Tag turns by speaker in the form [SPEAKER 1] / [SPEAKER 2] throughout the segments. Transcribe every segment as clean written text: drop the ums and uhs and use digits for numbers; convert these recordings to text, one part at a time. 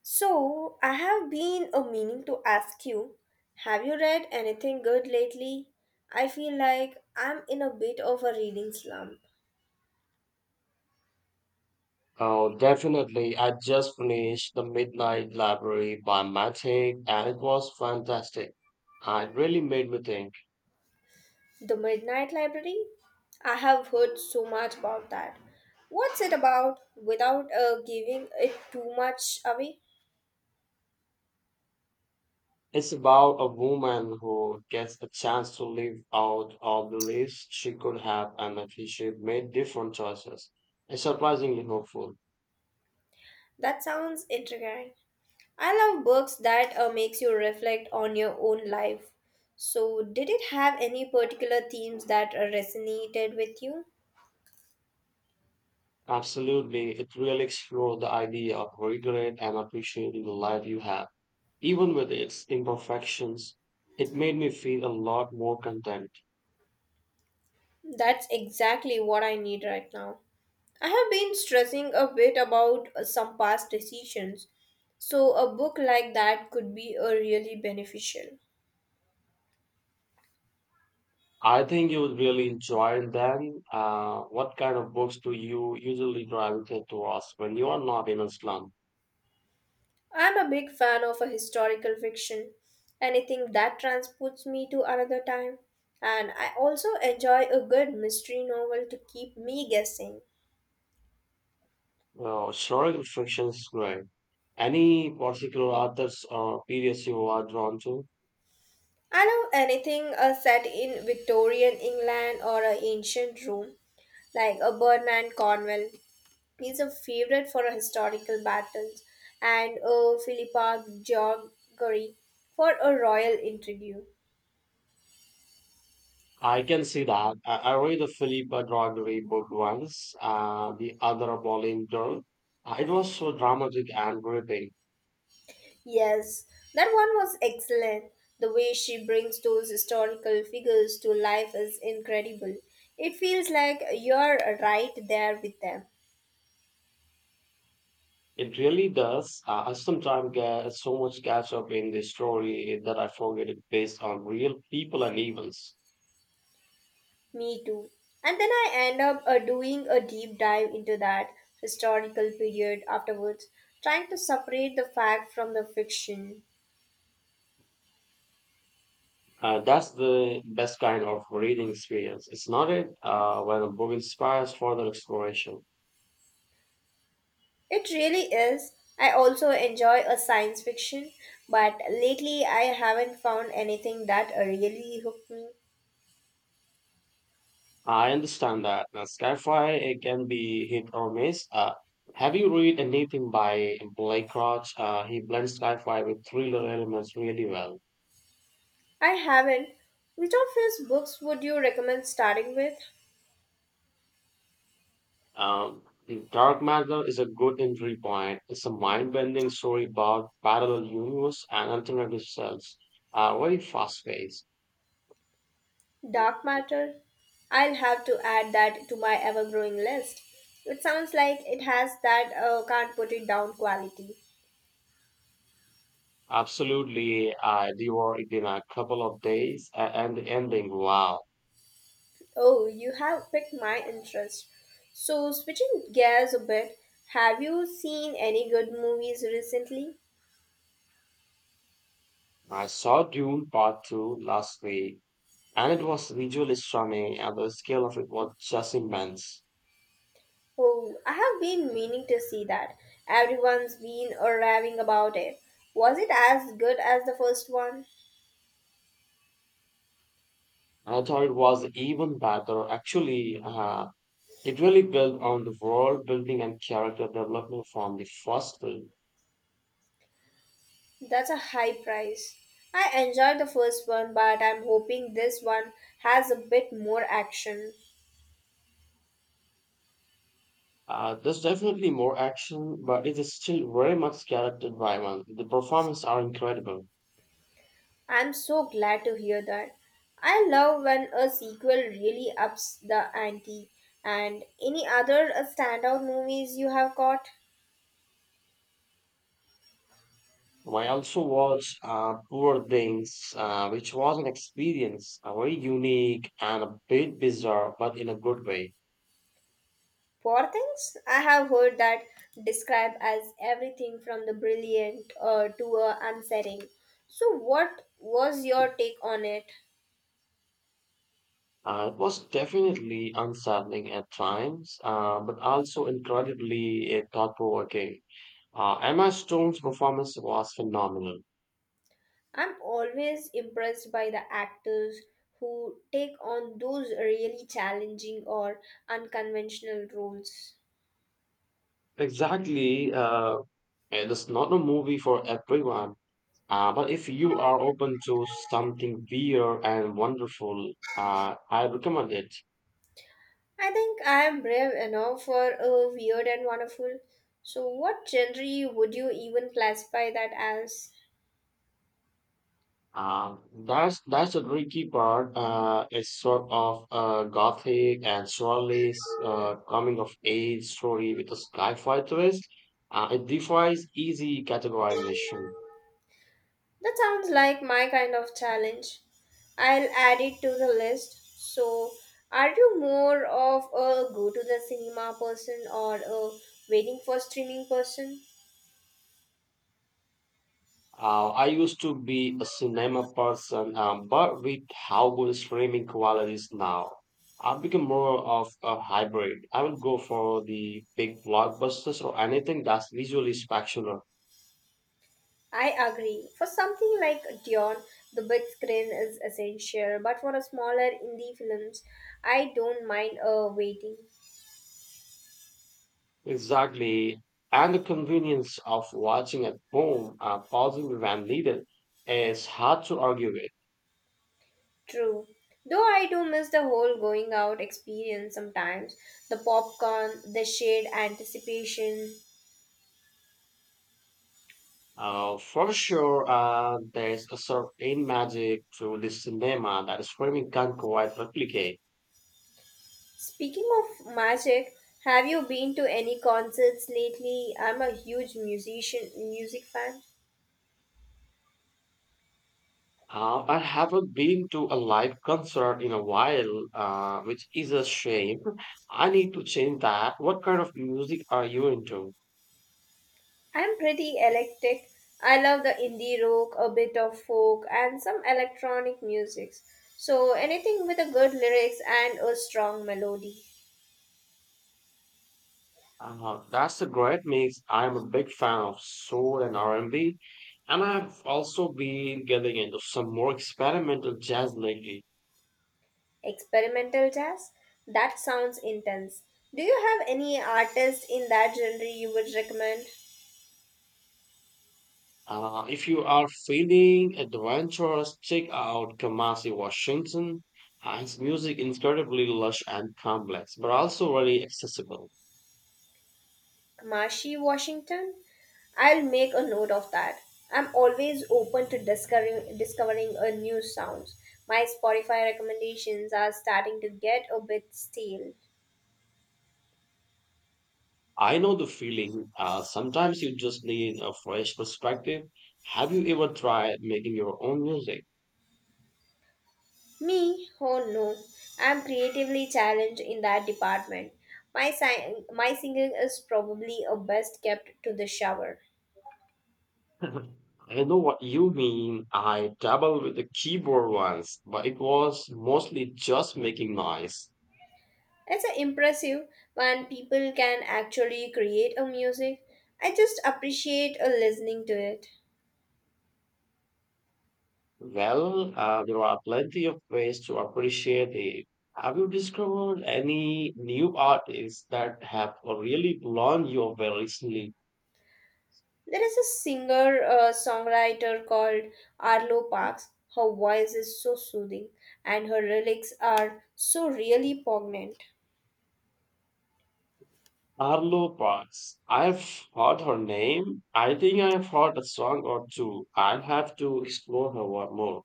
[SPEAKER 1] So, I have been a meaning to ask you, have you read anything good lately? I feel like I'm in a bit of a reading slump.
[SPEAKER 2] Oh, definitely. I just finished The Midnight Library by Matic, and it was fantastic. It really made me think.
[SPEAKER 1] The Midnight Library? I have heard so much about that. What's it about without giving it too much away?
[SPEAKER 2] It's about a woman who gets a chance to live out all the lives she could have, and if she made different choices. It's surprisingly hopeful.
[SPEAKER 1] That sounds intriguing. I love books that makes you reflect on your own life. So, did it have any particular themes that resonated with you?
[SPEAKER 2] Absolutely. It really explores the idea of regret and appreciating the life you have, even with its imperfections. It made me feel a lot more content.
[SPEAKER 1] That's exactly what I need right now. I have been stressing a bit about some past decisions, so a book like that could be really beneficial.
[SPEAKER 2] I think you would really enjoy them. What kind of books do you usually gravitate towards when you are not in a slum?
[SPEAKER 1] I'm a big fan of a historical fiction, anything that transports me to another time, and I also enjoy a good mystery novel to keep me guessing.
[SPEAKER 2] Well, historical fiction is great. Any particular authors or periods you are drawn to?
[SPEAKER 1] I love anything set in Victorian England or ancient Rome, like a Bernard Cornwell. He's a favorite for historical battles and Philippa Georgori for a royal interview.
[SPEAKER 2] I can see that. I read the Philippa Gregory book once, the other Bowling Girl. It was so dramatic and gripping.
[SPEAKER 1] Yes, that one was excellent. The way she brings those historical figures to life is incredible. It feels like you're right there with them.
[SPEAKER 2] It really does. I sometimes get so much catch up in the story that I forget it based on real people and events.
[SPEAKER 1] Me too. And then I end up doing a deep dive into that historical period afterwards, trying to separate the fact from the fiction.
[SPEAKER 2] That's the best kind of reading experience. It's not it when a book inspires further exploration.
[SPEAKER 1] It really is. I also enjoy a science fiction, but lately I haven't found anything that really hooked me.
[SPEAKER 2] I understand that. Now, sci-fi it can be hit or miss. Have you read anything by Blake Crouch? He blends sci-fi with thriller elements really well.
[SPEAKER 1] I haven't. Which of his books would you recommend starting with?
[SPEAKER 2] Um, Dark Matter is a good entry point. It's a mind-bending story about parallel universe and alternative selves. Very fast-paced. Mm.
[SPEAKER 1] Dark Matter? I'll have to add that to my ever growing list. It sounds like it has that can't put it down quality.
[SPEAKER 2] Absolutely, I devoured it in a couple of days, and the ending, wow.
[SPEAKER 1] Oh, you have piqued my interest. So, switching gears a bit, have you seen any good movies recently?
[SPEAKER 2] I saw Dune Part 2 last week, and it was visually stunning, and the scale of it was just immense.
[SPEAKER 1] Oh, I have been meaning to see that. Everyone's been raving about it. Was it as good as the first one?
[SPEAKER 2] I thought it was even better. Actually, it really built on the world building and character development from the first film.
[SPEAKER 1] That's a high price. I enjoyed the first one, but I'm hoping this one has a bit more action.
[SPEAKER 2] There's definitely more action, but it is still very much character driven. The performances are incredible.
[SPEAKER 1] I'm so glad to hear that. I love when a sequel really ups the ante. And any other standout movies you have got?
[SPEAKER 2] I also watched Poor Things, which was an experience, very unique and a bit bizarre, but in a good way.
[SPEAKER 1] Poor things? I have heard that described as everything from the brilliant to unsettling. So, what was your take on it?
[SPEAKER 2] It was definitely unsettling at times, but also incredibly thought-provoking. Emma Stone's performance was phenomenal.
[SPEAKER 1] I'm always impressed by the actors who take on those really challenging or unconventional roles.
[SPEAKER 2] Exactly, it's not a movie for everyone. But if you are open to something weird and wonderful, I recommend it.
[SPEAKER 1] I think I am brave enough for a weird and wonderful. So, what genre would you even classify that as?
[SPEAKER 2] Uh, that's the tricky part. It's sort of a gothic and surely coming of age story with a sci-fi twist. It defies easy categorization.
[SPEAKER 1] That sounds like my kind of challenge. I'll add it to the list. So, are you more of a go to the cinema person or a waiting for streaming person?
[SPEAKER 2] I used to be a cinema person, but with how good streaming quality is now, I've become more of a hybrid. I will go for the big blockbusters or anything that's visually spectacular.
[SPEAKER 1] I agree. For something like Dion, the big screen is essential, but for a smaller indie films, I don't mind a waiting.
[SPEAKER 2] Exactly. And the convenience of watching at home, pausing when needed, is hard to argue with.
[SPEAKER 1] True. Though I do miss the whole going out experience sometimes, the popcorn, the shared anticipation.
[SPEAKER 2] For sure, there's a certain magic to the cinema that streaming can't quite replicate.
[SPEAKER 1] Speaking of magic, have you been to any concerts lately? I'm a huge musician music fan.
[SPEAKER 2] I haven't been to a live concert in a while, which is a shame. I need to change that. What kind of music are you into?
[SPEAKER 1] I'm pretty eclectic. I love the indie rock, a bit of folk, and some electronic musics. So anything with a good lyrics and a strong melody.
[SPEAKER 2] That's a great mix. I'm a big fan of soul and R&B, and I've also been getting into some more experimental jazz lately.
[SPEAKER 1] Experimental jazz? That sounds intense. Do you have any artist in that genre you would recommend?
[SPEAKER 2] If you are feeling adventurous, check out Kamasi Washington. His music incredibly lush and complex, but also very accessible.
[SPEAKER 1] Marshy, Washington. I'll make a note of that. I'm always open to discovering a new sounds. My Spotify recommendations are starting to get a bit stale.
[SPEAKER 2] I know the feeling. Sometimes you just need a fresh perspective. Have you ever tried making your own music?
[SPEAKER 1] Me? Oh no. I'm creatively challenged in that department. My singing is probably a best kept to the shower.
[SPEAKER 2] I know what you mean. I dabbled with the keyboard once, but it was mostly just making noise.
[SPEAKER 1] It's a impressive when people can actually create a music. I just appreciate a listening to it.
[SPEAKER 2] Well, there are plenty of ways to appreciate it. Have you discovered any new artists that have really blown you away recently?
[SPEAKER 1] There is a singer songwriter called Arlo Parks. Her voice is so soothing, and her lyrics are so really poignant.
[SPEAKER 2] Arlo Parks. I've heard her name. I think I've heard a song or two. I'll have to explore her one more.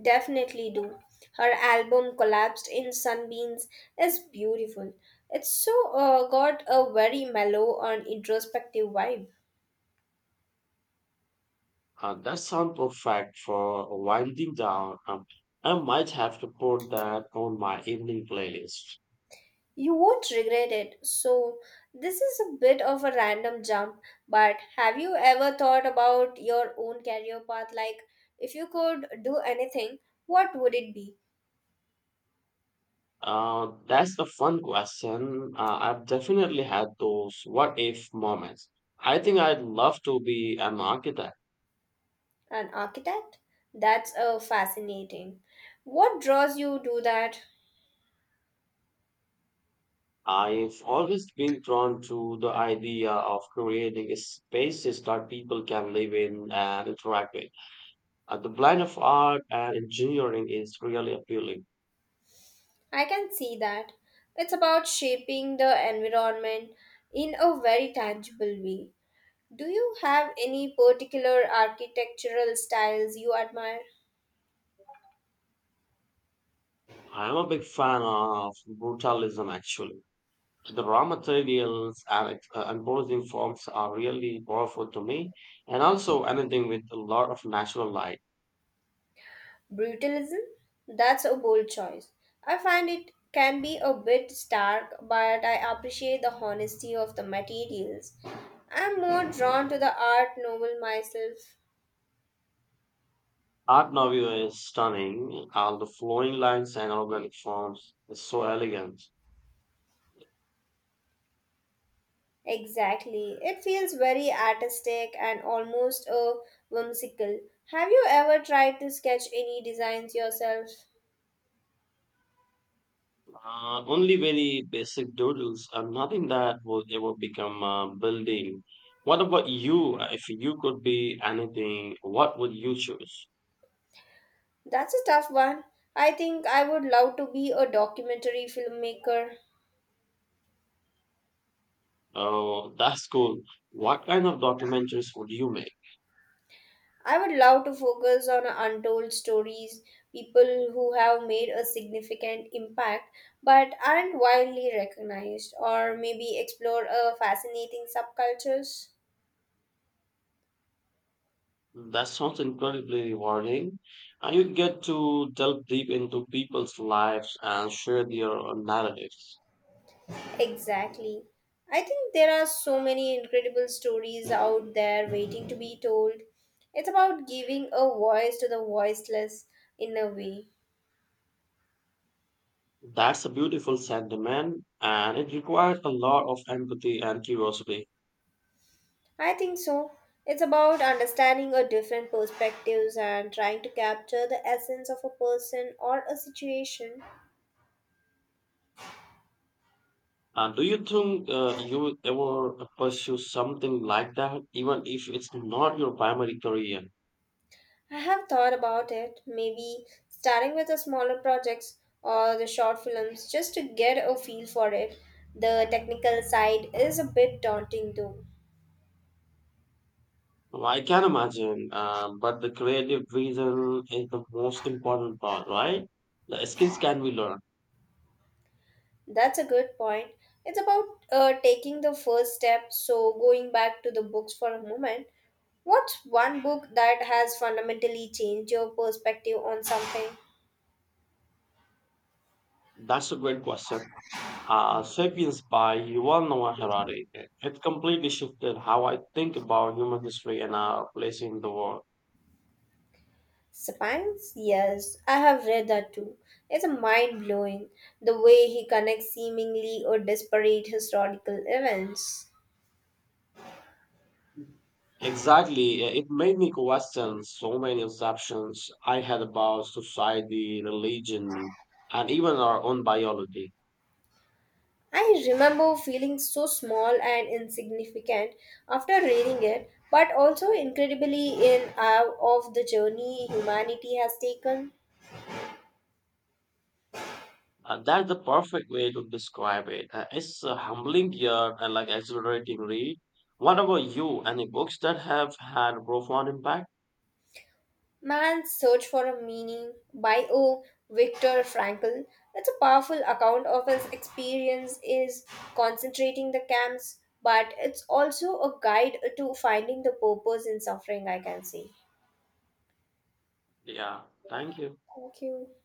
[SPEAKER 1] Definitely do. Her album Collapsed in Sunbeams is beautiful. It's so got a very mellow and introspective vibe.
[SPEAKER 2] That sounds perfect for winding down. I might have to put that on my evening playlist.
[SPEAKER 1] You won't regret it. So, this is a bit of a random jump, but have you ever thought about your own career path? Like, if you could do anything, what would it be?
[SPEAKER 2] That's a fun question. I've definitely had those what if moments. I think I'd love to be an architect.
[SPEAKER 1] An architect? That's fascinating. What draws you to that?
[SPEAKER 2] I've always been drawn to the idea of creating spaces that people can live in and interact with. The blend of art and engineering is really appealing.
[SPEAKER 1] I can see that. It's about shaping the environment in a very tangible way. Do you have any particular architectural styles you admire?
[SPEAKER 2] I'm a big fan of brutalism, actually. The raw materials and imposing forms are really powerful to me, and also anything with a lot of natural light.
[SPEAKER 1] Brutalism? That's a bold choice. I find it can be a bit stark, but I appreciate the honesty of the materials. I'm more drawn to the art novel myself.
[SPEAKER 2] Art Nouveau is stunning, and the flowing lines and organic forms is so elegant.
[SPEAKER 1] Exactly. It feels very artistic and almost a whimsical. Have you ever tried to sketch any designs yourself?
[SPEAKER 2] Only very basic doodles and nothing that would ever become a building. What about you? If you could be anything, what would you choose?
[SPEAKER 1] That's a tough one. I think I would love to be a documentary filmmaker.
[SPEAKER 2] Oh, that's cool. What kind of documentaries would you make?
[SPEAKER 1] I would love to focus on untold stories, people who have made a significant impact but aren't widely recognized, or maybe explore a fascinating subcultures.
[SPEAKER 2] That sounds incredibly rewarding. And you get to delve deep into people's lives and share their narratives.
[SPEAKER 1] Exactly. I think there are so many incredible stories out there waiting to be told. It's about giving a voice to the voiceless in a way.
[SPEAKER 2] That's a beautiful sentiment, and it requires a lot of empathy and curiosity.
[SPEAKER 1] I think so. It's about understanding a different perspectives and trying to capture the essence of a person or a situation.
[SPEAKER 2] Do you think you ever pursue something like that, even if it's not your primary career?
[SPEAKER 1] I have thought about it, maybe starting with the smaller projects or the short films just to get a feel for it. The technical side is a bit daunting though.
[SPEAKER 2] Well, I can imagine, but the creative reason is the most important part, right? The skills can be learned.
[SPEAKER 1] That's a good point. It's about taking the first step. So, going back to the books for a moment, what's one book that has fundamentally changed your perspective on something?
[SPEAKER 2] That's a great question. Sapiens by Yuval Noah Harari. It completely shifted how I think about human history and our place in the world.
[SPEAKER 1] Sapiens? Yes, I have read that too. It's mind blowing the way he connects seemingly or disparate historical events.
[SPEAKER 2] Exactly. It made me question so many assumptions I had about society, religion, and even our own biology.
[SPEAKER 1] I remember feeling so small and insignificant after reading it, but also incredibly in awe of the journey humanity has taken.
[SPEAKER 2] That's the perfect way to describe it. It's a humbling yet and like exhilarating read. What about you? Any books that have had profound impact?
[SPEAKER 1] Man's Search for a Meaning by O. Viktor Frankl. It's a powerful account of his experience is concentrating the camps, but it's also a guide to finding the purpose in suffering, I can say.
[SPEAKER 2] Yeah. Thank you.
[SPEAKER 1] Thank you.